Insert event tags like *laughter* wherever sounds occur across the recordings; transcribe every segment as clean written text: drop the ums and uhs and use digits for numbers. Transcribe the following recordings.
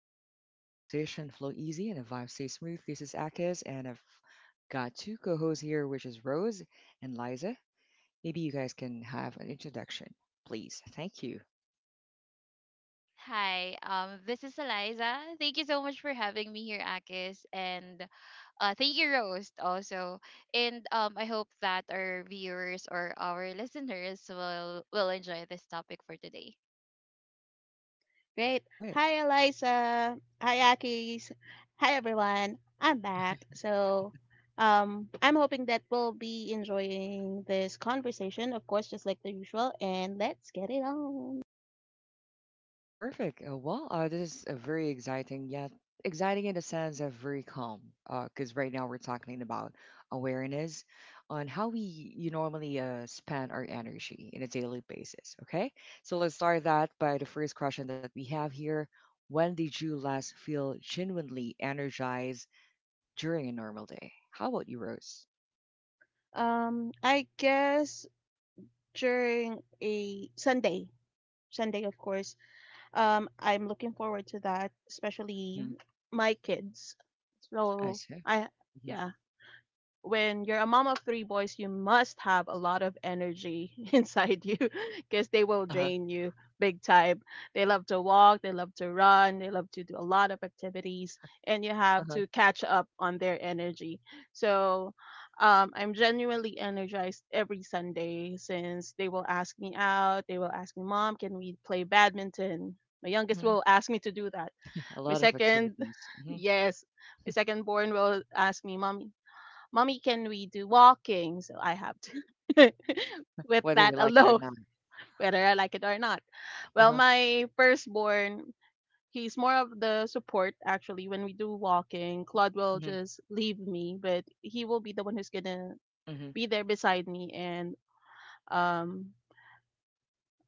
chill zone where conversation flow easy and the vibe stay smooth. This is Akis, and I've got two co-hosts here, which is Rose and Liza. Maybe you guys can have an introduction, please. Thank you. Hi, this is Eliza. Thank you so much for having me here, Akis, and thank you, Roast, also. And I hope that our viewers or our listeners will enjoy this topic for today. Great. All right. Hi, Eliza. Hi, Akis. Hi, everyone. I'm back. So, I'm hoping that we'll be enjoying this conversation, of course, just like the usual. And let's get it on. Perfect. Well, this is a very exciting, yet exciting in the sense of very calm. Because right now we're talking about awareness on how we you normally spend our energy in a daily basis. Okay, so let's start that by the first question that we have here. When did you last feel genuinely energized during a normal day? How about you, Rose? I guess during a Sunday, of course. I'm looking forward to that, especially Mm-hmm. my kids. I So see. I, Hmm. yeah. When you're a mom of three boys, you must have a lot of energy *laughs* inside you because they will Uh huh. drain you big time. They love to walk, they love to run, they love to do a lot of activities, and you Uh have huh. to catch up on their energy. So I'm genuinely energized every Sunday since they will ask me out. They will ask me, Mom, can we play badminton? My youngest Hmm. will ask me to do that. A My lot of second, activities. *laughs* Hmm, yes, my second born will ask me, Mommy, can we do walking? So I have to, *laughs* with whether that you like it or alone, not. *laughs* whether I like it or not. Uh Well, huh. my firstborn, he's more of the support actually. When we do walking, Claude will Hmm. just leave me, but he will be the one who's gonna Hmm. be there beside me and um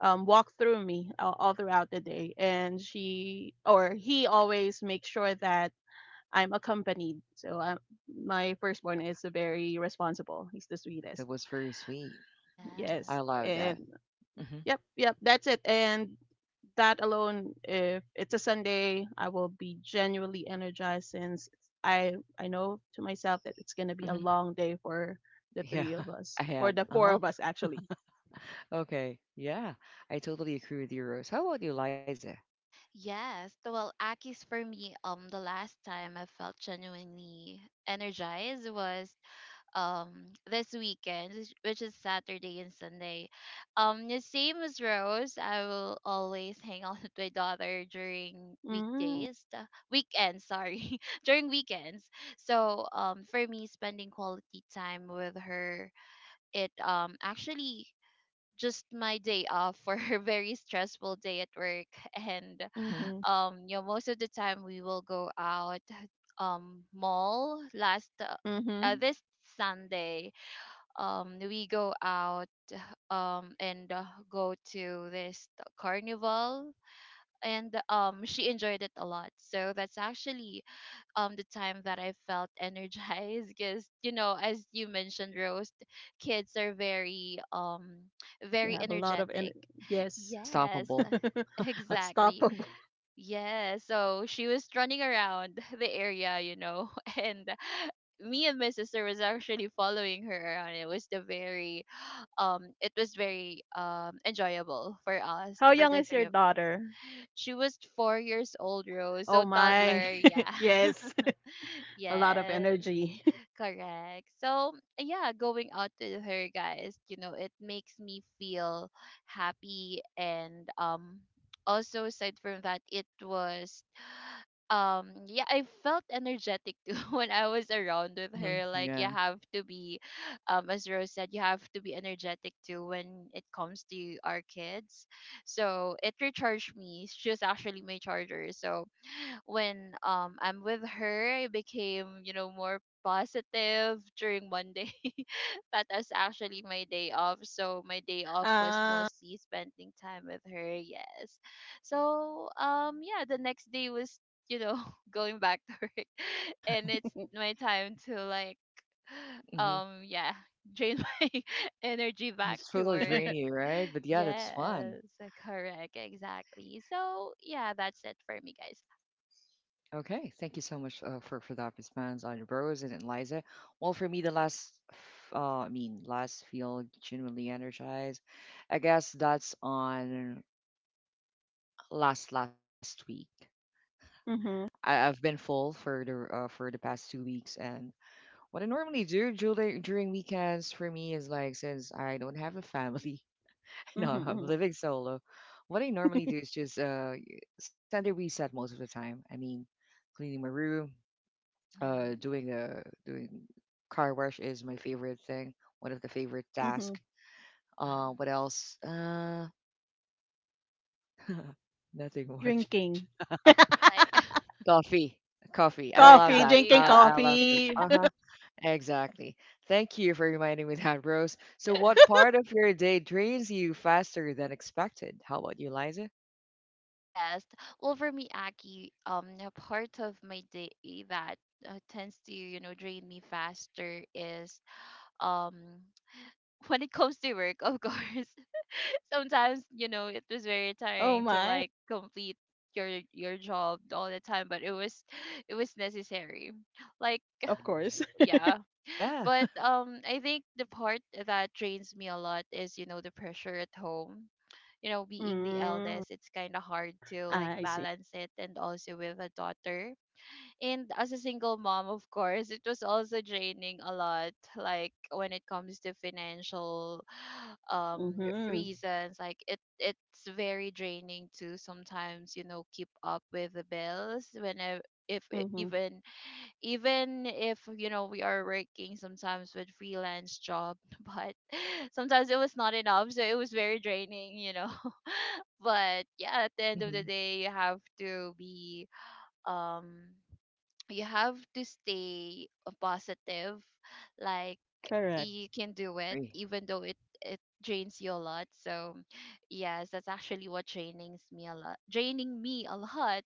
walk through me all throughout the day. And she or he always makes sure that I'm accompanied. My firstborn is very responsible. He's the That sweetest. was very sweet. I Yes. Yes. love And that. Hmm. yep, yep, that's it. And that alone, if it's a Sunday, I will be genuinely energized since I know to myself that it's gonna be a Hmm. long day for the Yeah, three of *laughs* us, I for had. the four Uh-huh. of us actually. Okay. Yeah, I totally agree with you, Rose. How about you, Liza? Yes. Well, Akis, for me, the last time I felt genuinely energized was um this weekend, which is Saturday and Sunday. The same as Rose, I will always hang out with my daughter during Mm-hmm. weekdays weekends, sorry, *laughs* during weekends. So for me, spending quality time with her, it actually just my day off for *laughs* her very stressful day at work. *laughs* And Hmm. Mm-hmm. Most of the time we will go out, mall last, Mm-hmm. this Sunday. We go out, and go to this carnival, and she enjoyed it a lot, so that's actually the time that I felt *laughs* energized, because you know, as you mentioned, Rose, kids are very They very have a lot of energetic. energy. Yes. Yes, *laughs* Unstoppable. *laughs* exactly, Unstoppable. yeah. So she was running around *laughs* the area, you know. *laughs* And me and my sister was actually following her around. It was very enjoyable for us, How for young the is three your of us. daughter? She was 4 years old, Rose, so Oh my. toddler. *laughs* Yeah. Yes. *laughs* *laughs* A lot of Yes, energy. *laughs* correct. So yeah, going out with her, guys, you know, it makes me feel happy, and also, aside from that, it was yeah, I felt energetic too *laughs* when I was around with Hmm. her. Yeah. Like, you have to be as Rose said, you have to be energetic too when it comes to our kids. So it recharged me. She was actually my charger. So when I'm with her, I became, you know, more positive during Monday. *laughs* But that's actually my day off. So my day off was Uh, mostly spending time with her, yes. So yeah, the next day was, you know, *laughs* going back to work, *laughs* and it's my time to, like, *sighs* Hmm. Yeah, drain *laughs* my energy back It's to totally *laughs* work. draining, right? But yeah, that's Yes, fun. correct, exactly. So yeah, that's it for me, guys. Okay. Thank you so much for that response on Rose and Eliza. Well, for me, the last, I mean, last feel genuinely energized. I guess that's on last week. mm-hmm. I've been full for the past 2 weeks, and what I normally do during weekends for me is like since I don't have a family, *laughs* no, I'm Mm-hmm. living solo. What I normally do is just center reset most of the time. I mean, cleaning my room, Hmm. doing the doing car wash is my favorite thing, one of the favorite Mm-hmm. tasks. Yeah. What else? *laughs* Nothing much. Drinking. *laughs* Like, *laughs* Coffee, coffee. I love yeah, that. Coffee, coffee, drinking I love. coffee. Uh *laughs* huh. coffee. *laughs* Exactly. Thank you for reminding me that, Rose. So, Yeah. what part of your day drains you faster than expected? How about you, Liza? Yes. Well, for me, Aki, a part of my day that tends to, you know, drain me faster is um *laughs* when it comes to work, of course. *laughs* Sometimes, you know, it was very Oh tiring to, my. like, complete your job all the time, but it was *sighs* it was necessary. Like, Of course. *laughs* yeah. Yeah. But I think the part that drains me a lot is, you know, the pressure at home, you know, being the Mm. eldest. It's kind of hard to, like, Ah, I see. balance it, and also with a daughter, and as a single mom, of course, it was also draining a lot. Like, when it comes to financial *sighs* Mhm. reasons, like, it's very draining to sometimes, you know, keep up with the bills when I, if I- Mhm. even if, you know, we are working sometimes with freelance job, *laughs* but sometimes it was not enough, so it was very draining, you know. But yeah, at the end of the Hmm. day, you have to be um you have to stay positive. Like, Correct. you can do Agree. it even though it drains you a lot. So yes, that's actually what trainings me a lot, draining me a lot.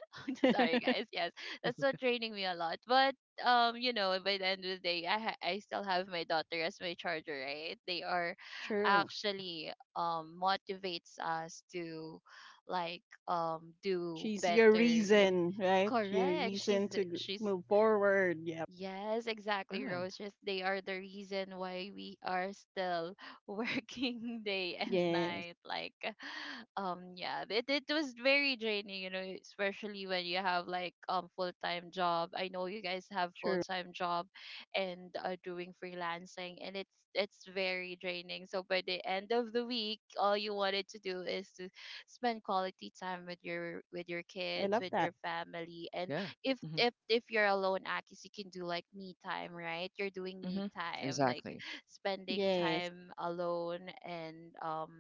*laughs* I'm so sorry, *laughs* guys. Yes, that's what draining me a lot. But you know, by the end of the day, I still have my daughter as my charger, right? They are True. Hmm. actually motivates us to, like, do She's your better. reason, right? Your Correct. reason She's to the- she's move forward. Yep. Yes, Yeah. exactly, Rose. Just, they are the reason why we are still *laughs* working day and Yes. night. Like, *laughs* yeah, it was very draining, you know, especially when you have, like, full time job. I know you guys have full True. time job and are doing freelancing, and it's very draining. So by the end of the week, all you wanted to do is to spend quality time with your I kids, love with that. your family, and Yeah. if Hmm. if if you're alone, Akis, you can do like me time, right? You're doing me Hmm. time, like, Exactly. *laughs* spending Yes. time alone, and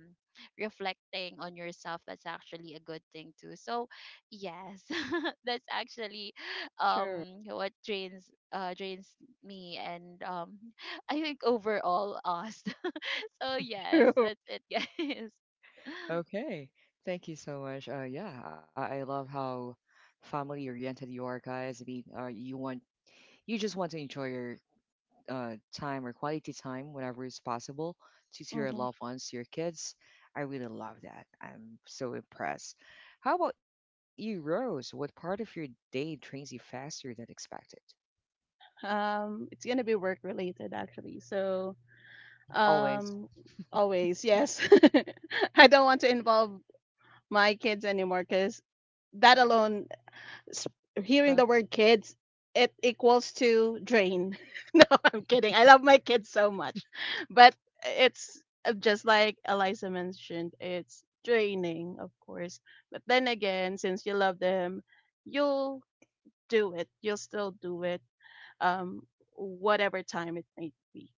reflecting on yourself. That's actually a good thing too. So yes, *laughs* that's actually True. What drains me, and *laughs* I think overall us. *laughs* So *laughs* yes, True. that's it, guys. Okay. Thank you so much. Yeah, I love how family oriented you are, guys. I mean, you want you just want to enjoy your time or quality time whenever it's possible to, your Mhm. loved ones, to your kids. I really love that. I'm so impressed. How about you, Rose? What part of your day trains you faster than expected? It's gonna be work related actually. So, Mhm. Always. um, always yes. *laughs* I don't want to involve my kids anymore because *laughs* that Yeah. alone, s- Uh hearing huh. the word kids, it equals to drain. *laughs* No, I'm kidding. I love my kids so much, but it's just like Eliza mentioned, it's draining, of course. But then again, since you love them, you'll do it. You'll still do it um, whatever time it might be.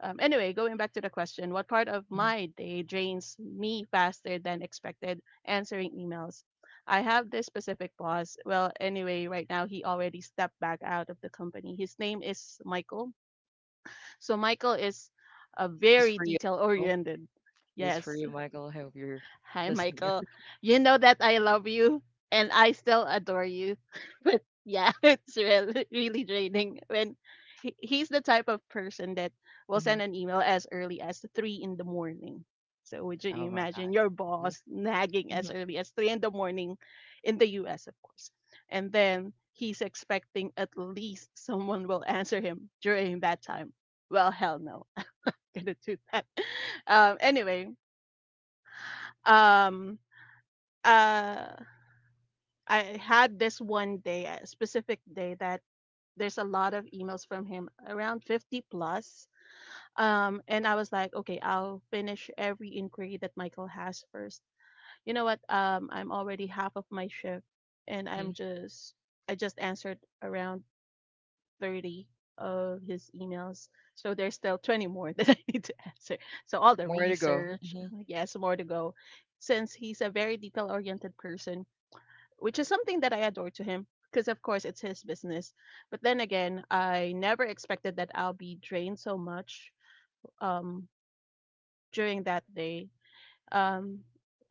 Anyway, going back to the question, what part of my day drains me faster than expected? Answering emails. I have this specific boss. Well, anyway, right now he already stepped back out of the company. His name is Michael. So Michael is a This very for you, detail Michael. oriented. Yes. I hope you're *laughs* Hi, listening. Michael. You know that I love you and I still adore you. *laughs* But yeah, *laughs* it's really, really draining when he's the type of person that will Hmm. send an email as early as 3 in the morning. So would you Oh my God. imagine your Mm-hmm. boss nagging Mm-hmm. as early as 3 in the morning in the US, of course. And then he's expecting at least someone will answer him during that time. Well, hell no. *laughs* I'm going to do that. *laughs* Anyway, um uh I had this one day, a specific day that there's a lot of emails from him, around 50 plus. And I was like, okay, I'll finish every inquiry that Michael has first. You know what? I'm already half of my shift, and I'm Hmm. just I just answered around 30 of his emails. So there's still 20 more *laughs* that I need to answer. So all the More to go. research, Hmm. yes, more to go. Since he's a very detail oriented person, which is something that I adore to him because, of course, it's his business. But then again, I never expected that I'll be drained so much um, during that day. Um,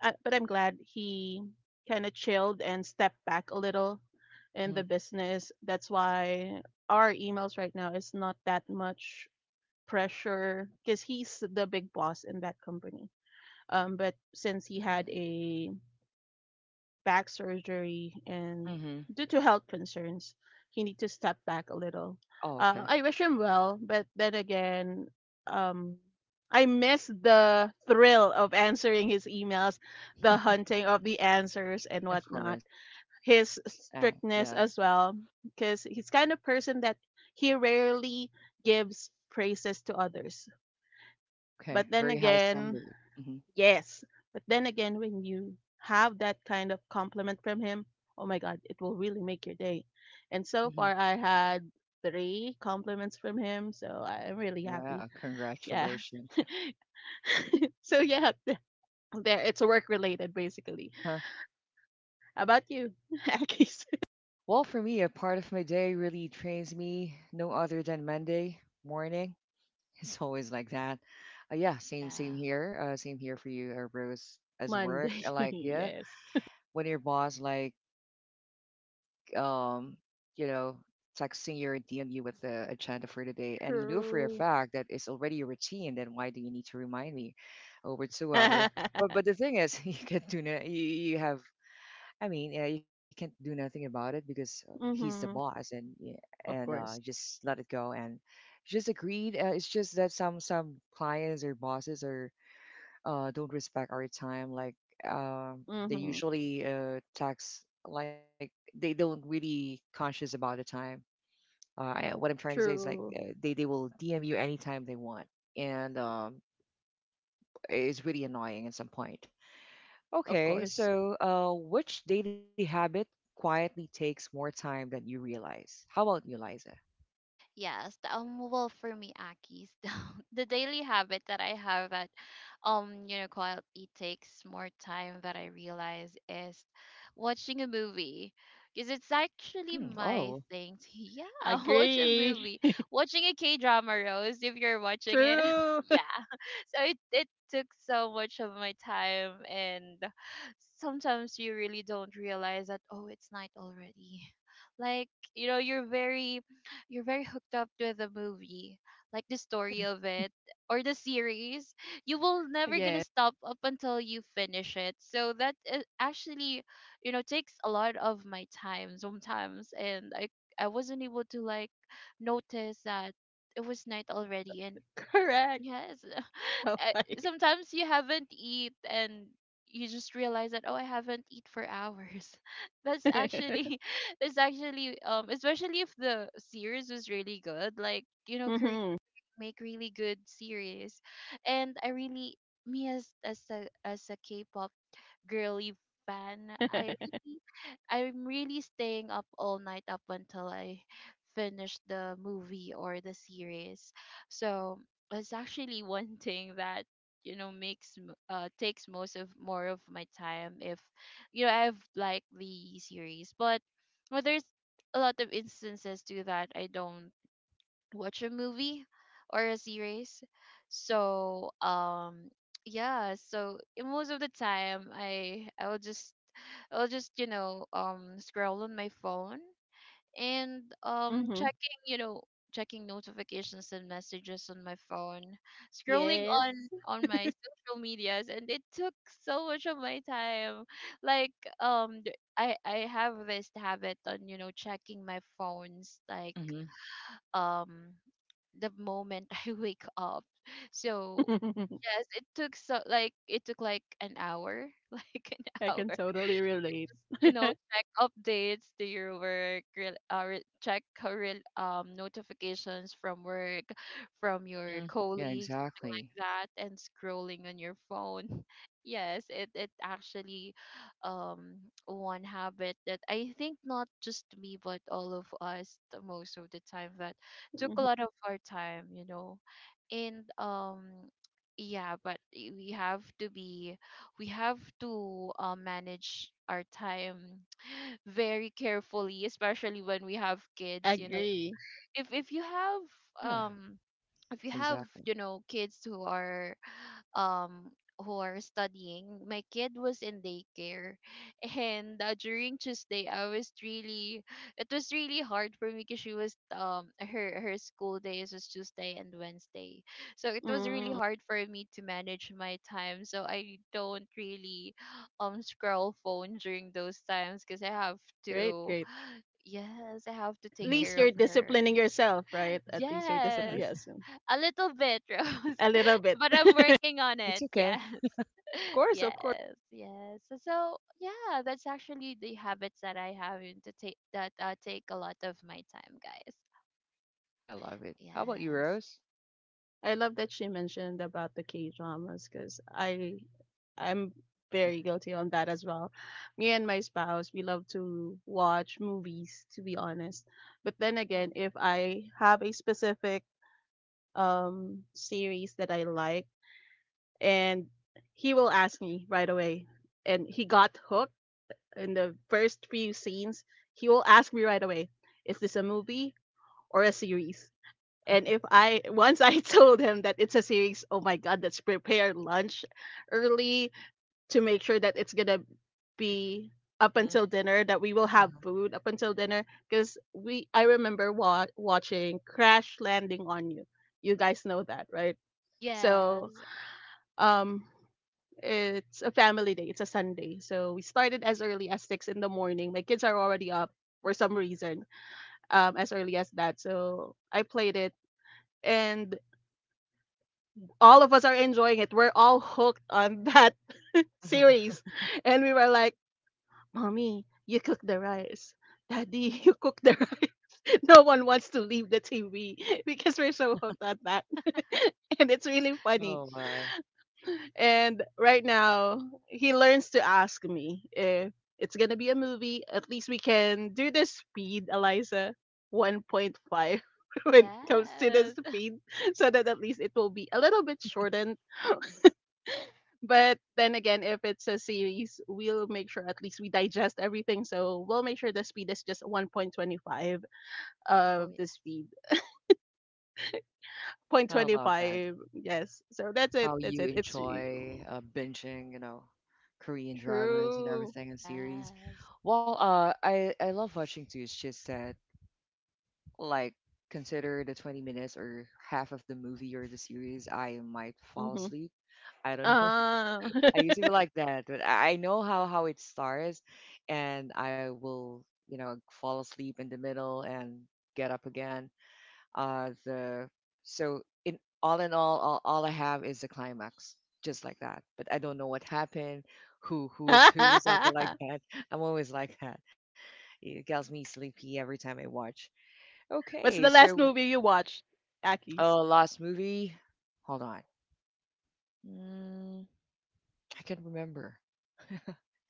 but I'm glad he kind of chilled and stepped back a little in Hmm. the business. That's why our emails right now is not that much pressure because he's the big boss in that company. But since he had Hmm. a back surgery, and Hmm. due to health concerns, he need to step back a little. Oh, okay. I wish him well, but then again, um, I miss the thrill of answering his emails, the *laughs* hunting of the answers and Of whatnot. course. Yeah. His strictness as well, because he's kind of person that he rarely gives praises to others. Okay. But then Very high again, standard. Hmm. yes. But then again, when you have that kind of compliment from him, oh my God, it will really make your day. And so Hmm. far, I had three compliments from him, so I'm really happy. Wow, Yeah. congratulations. *laughs* So yeah, there it's work related basically. Uh-huh. How about you? *laughs* Akis? Okay. Well, for me, a part of my day really trains me no other than Monday morning. *laughs* It's always like that. Yeah, same Yeah. here. Same here for you, Rose, as work. Monday. *laughs* Like, yeah, Yes. when your boss like um, you know, texting you or DM you with a agenda for the day, and you know for a True. fact that it's already a routine, then why do you need to remind me over two *laughs* hour? Mm-hmm. But the thing is, *laughs* you get do no, you have, I mean, yeah, you can't do nothing about it because he's the boss, and and Of uh, course. just let it go and just agreed. It's just that some clients or bosses or don't respect our time. Like they Mm-hmm. usually tax like they don't really conscious about the time. What I'm trying to say is like True. They will DM you anytime they want, and it's really annoying at some point. Of Okay, course. so which daily habit quietly takes more time than you realize? How about you, Liza? Yes, well, for me, Aki's, *laughs* the daily habit that I have at, you know, quietly takes more time that I realize is watching a movie, because it's actually Mm. my Oh. thing. To, *laughs* yeah, *laughs* watch a Agree. movie, watching a K drama, Rose. If you're watching it, *laughs* True. yeah. *laughs* So it took so much of my time, and sometimes you really don't realize that, oh, it's night already. *laughs* Like, you know, you're very hooked up with the movie, like the story Hmm. of it or the series, you will never gonna *laughs* Yes. stop up until you finish it. So that, actually, you know, takes a lot of my time sometimes, and I wasn't able to, like, notice that it was night already, and Correct. yes. *laughs* Oh, Uh, Sometimes you haven't eat, and you just realize that, oh, I haven't eat for hours. *laughs* That's *laughs* actually *laughs* that's actually especially if the series was really good. Like, you know, Korea mm-hmm. make really good series. And I really, me as a K-pop girly fan. I *laughs* really, I'm really staying up all night up until I finish the movie or the series. So it's actually *laughs* one thing that, you know, takes most of more of my time if you know I've liked the series, but well, there's a lot of instances to that I don't watch a movie or a series. So yeah, so in most of the time I'll just, you know, scroll on my phone, and mm-hmm. checking, you know, checking notifications and messages on my phone, scrolling Yes. on my social medias, and it took so much of my time. Like, I have this habit on, you know, checking my phones, like, Hmm. um the moment *laughs* I wake up. So *laughs* yes, it took so like, it took like an hour, *laughs* like an I can hour. totally Just, relate. you know, check updates to your work, check career notifications from work, from your Hmm, yeah, colleague, exactly. that, and scrolling on your phone. *laughs* Yes, it actually um one habit that I think not just me but all of us, the most of the time that took a Mhm. lot of our time, you know. And yeah, but we have to, manage our time very carefully, especially when we have kids, you know. Agree. If you have, Yeah, um exactly. you know, kids um who are studying. My kid was in daycare, *laughs* and during Tuesday, I was really it was really hard for me, because she was her school days was Tuesday and Wednesday. So it was really Mm. hard for me to manage my time, so I don't really scroll phone during those times, because I have Great, to, great. yes, I have to At take least Hmm. care you're of her. disciplining yourself, right? At least you're discipline. Yeah, Yes, Yes. a little bit, *laughs* Rose. A little bit. But I'm *laughs* working on it's it. okay. Yes. Of course, Yes, of course. yes. So, so, yeah, that's actually the habits that I have, and to take that take a lot of my time, guys. I love it. How about you, Yes. Rose? I love that she mentioned about the K dramas because I'm *laughs* Hmm. very guilty on that as well. Me and my spouse, we love to watch movies, to be honest. But then again, Oh. if I have a specific series that I like, and he will ask me right away, and he got hooked in the first few scenes, he will ask me right away, is this a movie or a series? And if I once I *laughs* told him that it's a series, oh my god, let's prepare lunch early to make sure that it's gonna be up Hmm. until dinner, that we will have food up until dinner. Because I remember watching Crash Landing on You. You guys know that, right? So, Yes. um, it's a family day. It's a Sunday, so we started as early as 6 in the morning. My kids are already up for some reason, as early as that. So I played it and all of us are enjoying it. We're all hooked on that *laughs* series. And we were like, Mommy, you cook the rice. Daddy, *laughs* you cook the rice. *laughs* No one wants to leave the TV *laughs* because we're so hooked on that. *laughs* And it's really funny. Oh my, And right now, he learns to ask me if it's going to be a movie. At least we can do the speed, Eliza, 1.5 *laughs* when it comes to the Yes. *laughs* speed, so that at least it will be a little bit shortened. But then again, if it's a series, we'll make sure at least we digest everything. So we'll make sure the speed is just 1.25 Oh, of boy. the speed. Zero point I love that. 0.25, yes. So that's it. How That's you it. It's enjoy true. Binging, Korean dramas and True. everything and series. Yes. Well, I love watching too. It's just that like consider the 20 minutes or half of the movie or the series I might fall Mm-hmm. asleep. I don't know. Uh, *laughs* I usually like that, but I know how it starts, and I will fall asleep in the middle and get up again. Uh the so in all I have is the climax, just like that, but I don't know what happened, who is who. *laughs* Something like *laughs* that. *laughs* I'm always like that. It gets me sleepy every time I watch. what's Okay, the last so movie you watched? Aki's. Oh, last movie. Hold on. Mm, I can remember.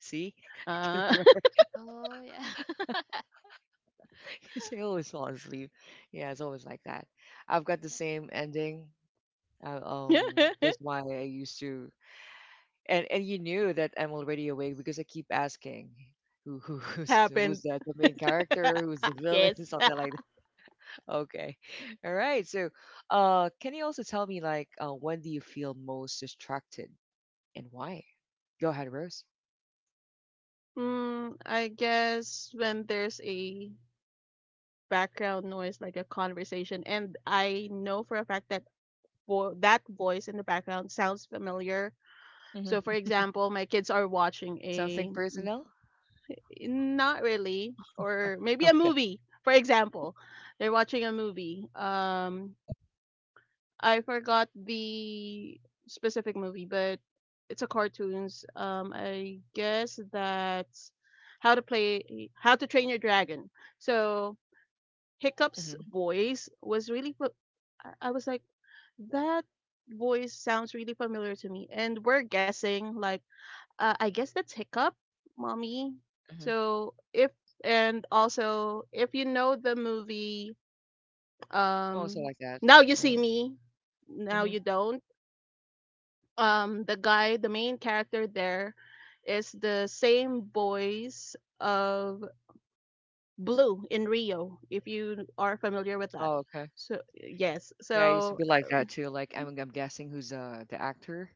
See, *laughs* I can Uh, remember Oh, yeah. *laughs* *laughs* because I always fall asleep. Yeah, it's always like that. I've got the same ending. That's why *laughs* I used to, and you knew that I'm already awake because I keep asking, who *laughs* what who's happened? that the main character, who's the *laughs* villain, *laughs* Yes. *laughs* something like that. Okay, *laughs* all right. So, can you also tell me like, when do you feel most distracted and why? Go ahead, Rose. I guess when there's a background noise like a conversation, and I know for a fact that voice in the background sounds familiar. So for example, my kids are watching Say a, something personal? not really, or maybe Okay. a movie. For example, they're watching a movie, Mhm. I forgot the specific movie, but it's a cartoons. I guess that's How to Play How to Train Your Dragon. So Hiccup's Mhm. voice was really. I was like, that voice sounds really familiar to me. And we're guessing, like, I guess that's Hiccup, mommy. Mhm. So if, and also, if you know the movie, Yeah, I'm also like um, that. Now You Um, See Me, mhm. Now You Don't, the guy, the main character there is the same voice of Blue in Rio, if you are familiar with that. Oh, okay. So, yes. Yeah, I used to So, be like that too. Like I'm guessing who's the actor,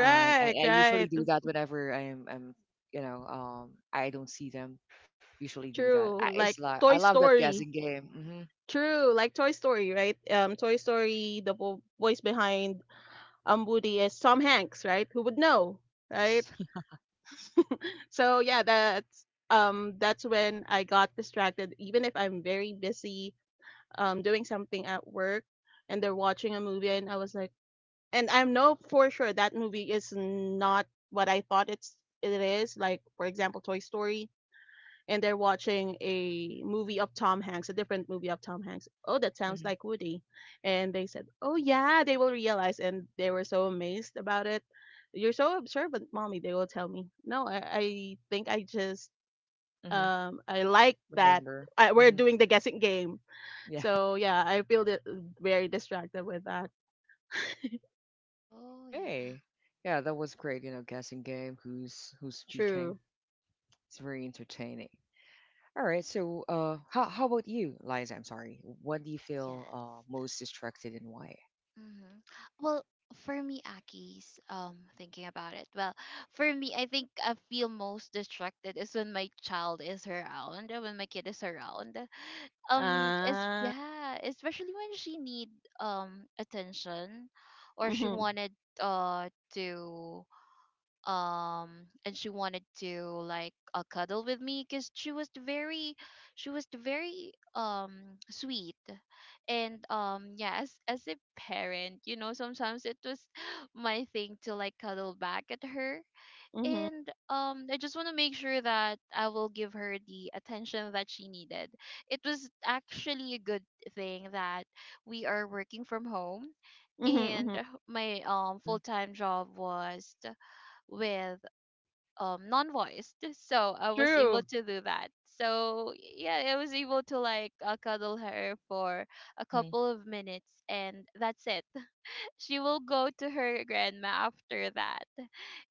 and I, I right? usually do that whenever I don't see them. Usually do that. True. I, Like it's like Toy I love that Story. guessing game. Hmm. True, like Toy Story, right? Toy Story, the voice behind Woody is Tom Hanks, right? Who would know, right? Yes. *laughs* So yeah, that's when I got distracted. Even if I'm very busy doing something at work, and they're watching a movie and I was like, and I know for sure that movie is not what I thought it is. Like for example, Toy Story, and they're watching a movie of Tom Hanks, a different movie of Tom Hanks. Oh, that sounds Hmm. like Woody, and they said, oh yeah, they will realize, and they were so amazed about it. You're so observant, mommy. They will tell me. No, I think Hmm. I like that. Remember. We're Hmm. doing the guessing game. Yeah. So yeah, I feel very distracted with that. Oh, yeah. Okay. Yeah, that was great. You know, guessing game. Who's speaking? True. It's very entertaining. All right. So, how about you, Liza? I'm sorry. What do you feel Yes. most distracted and why? Mm-hmm. Well, for me, Aki's, thinking about it. Well, for me, I think I feel most distracted is when my child is around, when my kid is around. Ah. Yeah, especially when she need attention, or she Mhm. wanted to and she wanted to, like, cuddle with me, because she was very sweet, and yeah, as a parent, you know, sometimes it was *sighs* my thing to, like, cuddle back at her. Mhm. And I just want to make sure that I will give her the attention that she needed. It was actually a good thing that we are working from home, Mhm, and mhm. my Mm-hmm. full-time job was with non-voiced. So I was able True. to do that. So yeah, I was able to, like, cuddle her for a Mm-hmm. couple of minutes, and that's it. She will go to her grandma after that,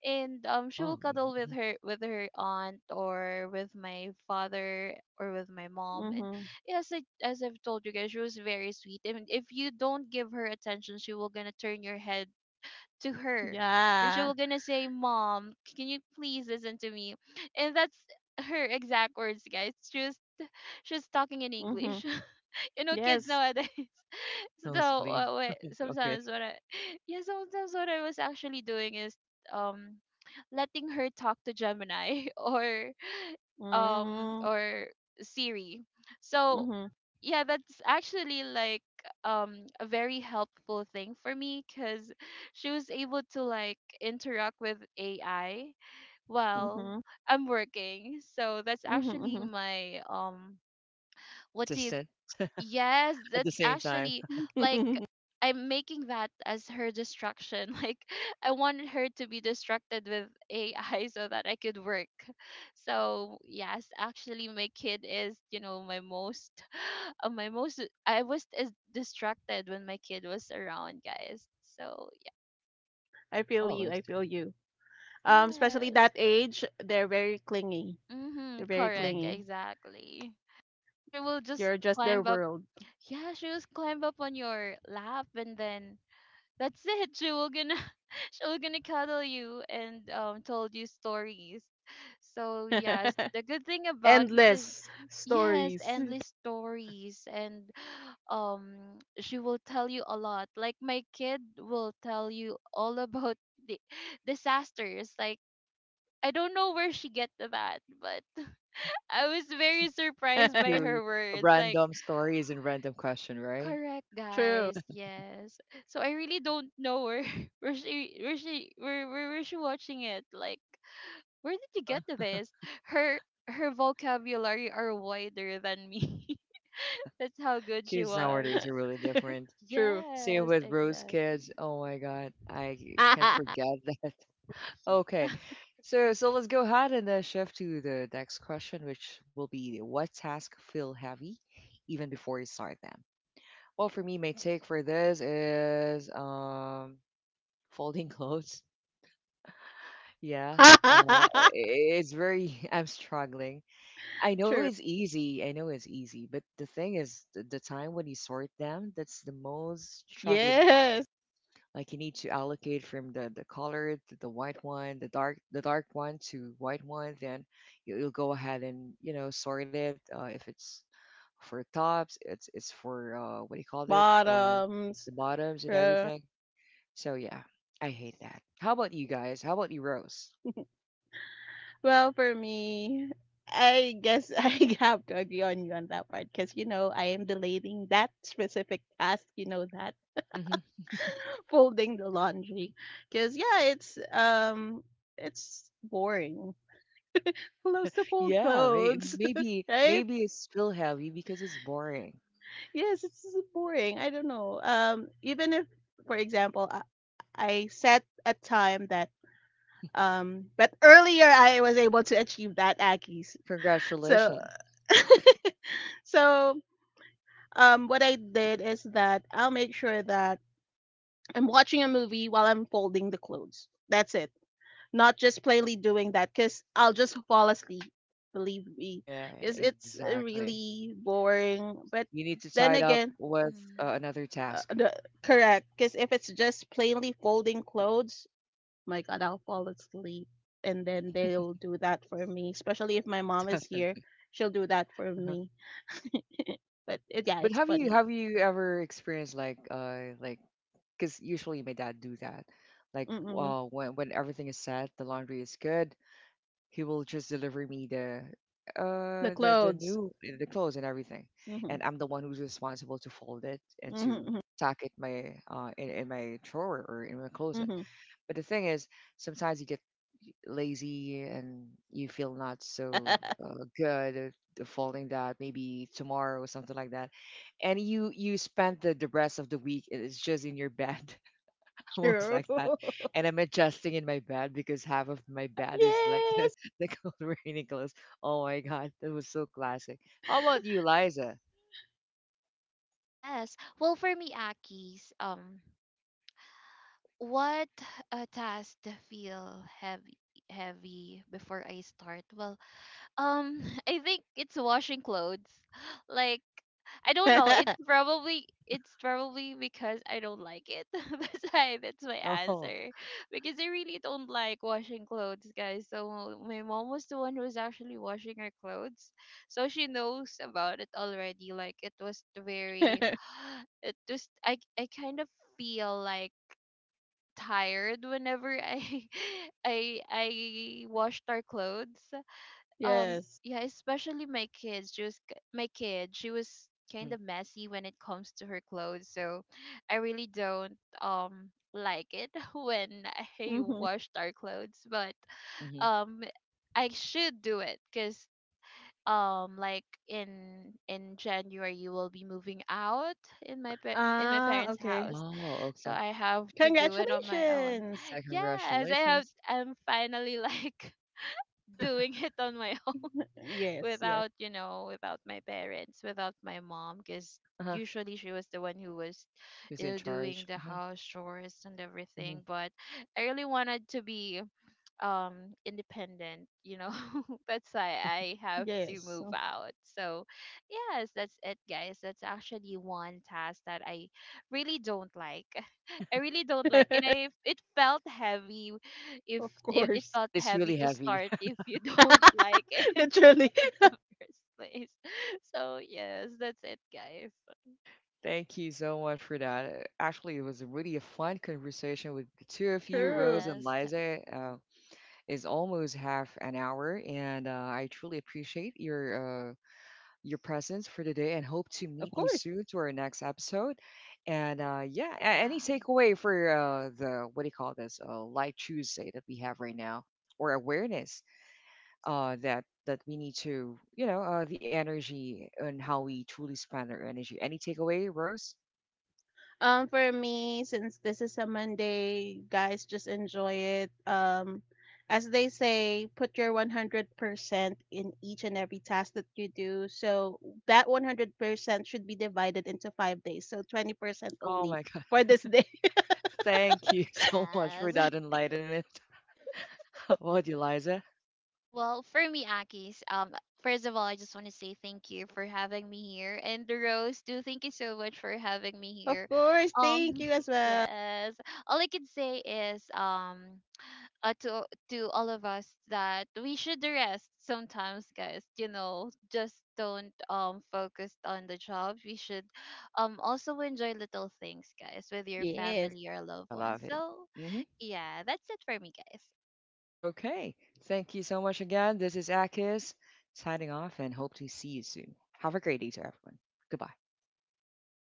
and she will Oh, cuddle with mhm. her, with her aunt, or with my father, or with my mom. And Mhm. yes, as I've told you guys, she was very sweet, and if you don't give her attention, she will gonna turn your head to her, and she Yeah. will gonna say, "Mom, can you please listen to me?" And that's her exact words, guys. She was talking in Mhm. English. *laughs* You know, kids Yes. nowadays. So no, Nosebleed. Wait, Okay. sometimes what I— *laughs* yeah, sometimes what I was actually doing is um letting her talk to Gemini *laughs* or um Mm. or Siri. So Mhm. yeah, that's actually like a very helpful thing for me, because she was able to like interact with AI Mm-hmm. while Mhm. I'm working. So that's Mhm. actually Mhm. my— what do you— Assistant yes, at the that's same time. actually like— *laughs* I'm making that as her distraction. *laughs* Like, I wanted her to be distracted with AI so that I could work. So yes, actually my kid is, you know, my most— *gasps* *laughs* my most— I was as distracted when my kid was around, guys. So I feel you. Oh, I it's feel you. Especially yes. that age, they're very clingy. They're Mhm, very correct, clingy. mm-hmm. exactly. So she will just You're just their climb up. world. Yeah, she will climb up on your lap, and then that's it. She will gonna *laughs* she will gonna cuddle you and told you stories. So yes, *laughs* the good thing about it is, Endless yes, stories. endless stories. And *gasps* she will tell you a lot. Like, my kid will tell you *laughs* all about the *laughs* disasters. Like, I don't know where she get that, but *laughs* Hmm, I was very surprised by *laughs* through her words. Like, random stories and random question, right? correct, True. guys. Yes. So I really don't know where *laughs* where she watching it. Like, where did you Uh-huh. get this? Her her vocabulary are wider than me. *laughs* That's how good she Kids was. nowadays are really different. *laughs* True. Same Yes, with Rose kids. exactly. Oh my God, I can't forget *laughs* *laughs* that. Yeah. Okay. *laughs* So let's go ahead and shift to the next question, which will be what tasks feel heavy even before you start them? Well, for me, my take for this is *laughs* folding clothes. Yeah. Uh, i- it's very *laughs* I'm struggling. I know True. it's easy. I know it's easy, but the thing is the time when you sort them, that's the most struggling. Yes. Like you need to allocate from the colored to the white one, the dark one to white one. Then you'll go ahead and sort it. If it's for tops, it's for what do you call it? Um, Bottoms. the bottoms and True. everything. So yeah, I hate that. How about you guys? How about you, Rose? *laughs* Well, for me, I guess *laughs* I have to agree on you on that part because, I am delaying that specific task, that Hmm. *laughs* folding the laundry. Because, yeah, it's boring. *laughs* Clothes Yeah, to fold yeah. May, clothes, maybe *laughs* right? maybe it's still heavy because it's boring. Yes, it's boring. I don't know. Even if, for example, I set a time that, but earlier I was able to achieve that, Aki's. So, Congratulations. *laughs* so what I did is that I'll make sure that I'm watching a movie while I'm folding the clothes. That's it. Not just plainly doing that cuz I'll just fall asleep, believe me. Yeah, Cuz it's exactly. really boring. But You need to tie then it up again, with Mhm. another uh, task. the, correct cuz if it's just plainly folding clothes, my god, I'll fall asleep and then they'll do that for me, especially if my mom is *laughs* here. She'll do that for Uh-huh. me. *laughs* But yeah, But it's have you funny. have you ever experienced like like, because usually my dad do that, like Mm-mm. When everything is set, the laundry is good, he will just deliver me the The uh the the clothes. new eh, the clothes and everything, Mhm. and I'm the one who's responsible to fold it and to Mhm, tack it in my drawer or in my mhm, closet. mhm. But the thing is, sometimes you get lazy and you feel not so *laughs* good at the following that maybe tomorrow or something like that, and you spent the rest of the week it is just in your bed *laughs* almost True. like that, and I'm adjusting in my bed because half of my *laughs* bed is like *laughs* the, Yes. the cold *laughs* rainy clothes. Oh my God, that was so classic. How about you, Liza? Yes. Well, for me, Aki's, what— task to feel heavy, before I start? Well, Um, *laughs* I think it's washing clothes. *gasps* *sighs* Like, I don't know. It's *laughs* probably it's probably because I don't like it. *laughs* That's why that's my Oh. answer. Because I really don't like washing clothes, guys. So my mom was the one who was actually washing our clothes. So she knows about it already. Like, it was very— it just I kind of feel like tired whenever I *laughs* I washed our clothes. Yes. Yeah, especially my kids— my kid, she was kind Hmm. of messy when it comes to her clothes, so I really don't like it *laughs* when I Mhm. washed our clothes. But Hmm. um I should do it because like, in January, you will be moving out. In my Ah, parents' okay. house, Oh, so okay. I have to do it on my own. Congratulations. Yeah, Yes, I have— congratulations. I'm finally like *laughs* doing it on my— Yes, yes, without, you know, without my parents, without my mom, because Uh-huh. usually she was the one who was, Who's you in know, doing charge. the Hmm. house chores and Hmm. everything. But I really wanted to be independent, you know. *laughs* That's why I have to yes. move out. So yes, that's it, guys. That's actually one task that I really don't like. *laughs* I really don't like, and I— *laughs* it felt heavy. if Of it, it course. felt And it's heavy really to heavy. start if you *laughs* don't like *laughs* it Literally. *laughs* in the first place. *laughs* So yes, that's it, guys. Thank you so much for that. Actually, it was a really a fun conversation with the two of you, True. Rose and Yes. Liza. Is almost half an hour, and I truly appreciate your presence for today, and hope to Of meet you course. soon to our next episode. And yeah, any Yeah. takeaway for the what do you call this Light Tuesday that we have right now, or awareness that we need to, the energy and how we truly spend our energy. Any takeaway, Rose? For me, since this is a Monday, guys, just enjoy it. As they say, put your 100% in each and every task that you do. So that 100% should be divided into 5 days. So 20% Oh only my *laughs* God. for this day. *laughs* Thank you *laughs* so much for Yes. *laughs* that enlightenment. *laughs* What, Eliza? Well, for me, Akis, first of all, I just want to say thank you for having me here, and Rose, too, thank you so much for having me Of here. course. Um, Thank you *laughs* as well. yes, all I can say is, to all of us, that we should rest sometimes, guys. You know, just don't focus on the job. We should also enjoy little things, guys, with your Yes. family or I loved ones. love it. So Hmm. yeah, that's it for me, guys. Okay. Thank you so much again. This is Akis signing off and hope to see you soon. Have a great day to everyone. Goodbye.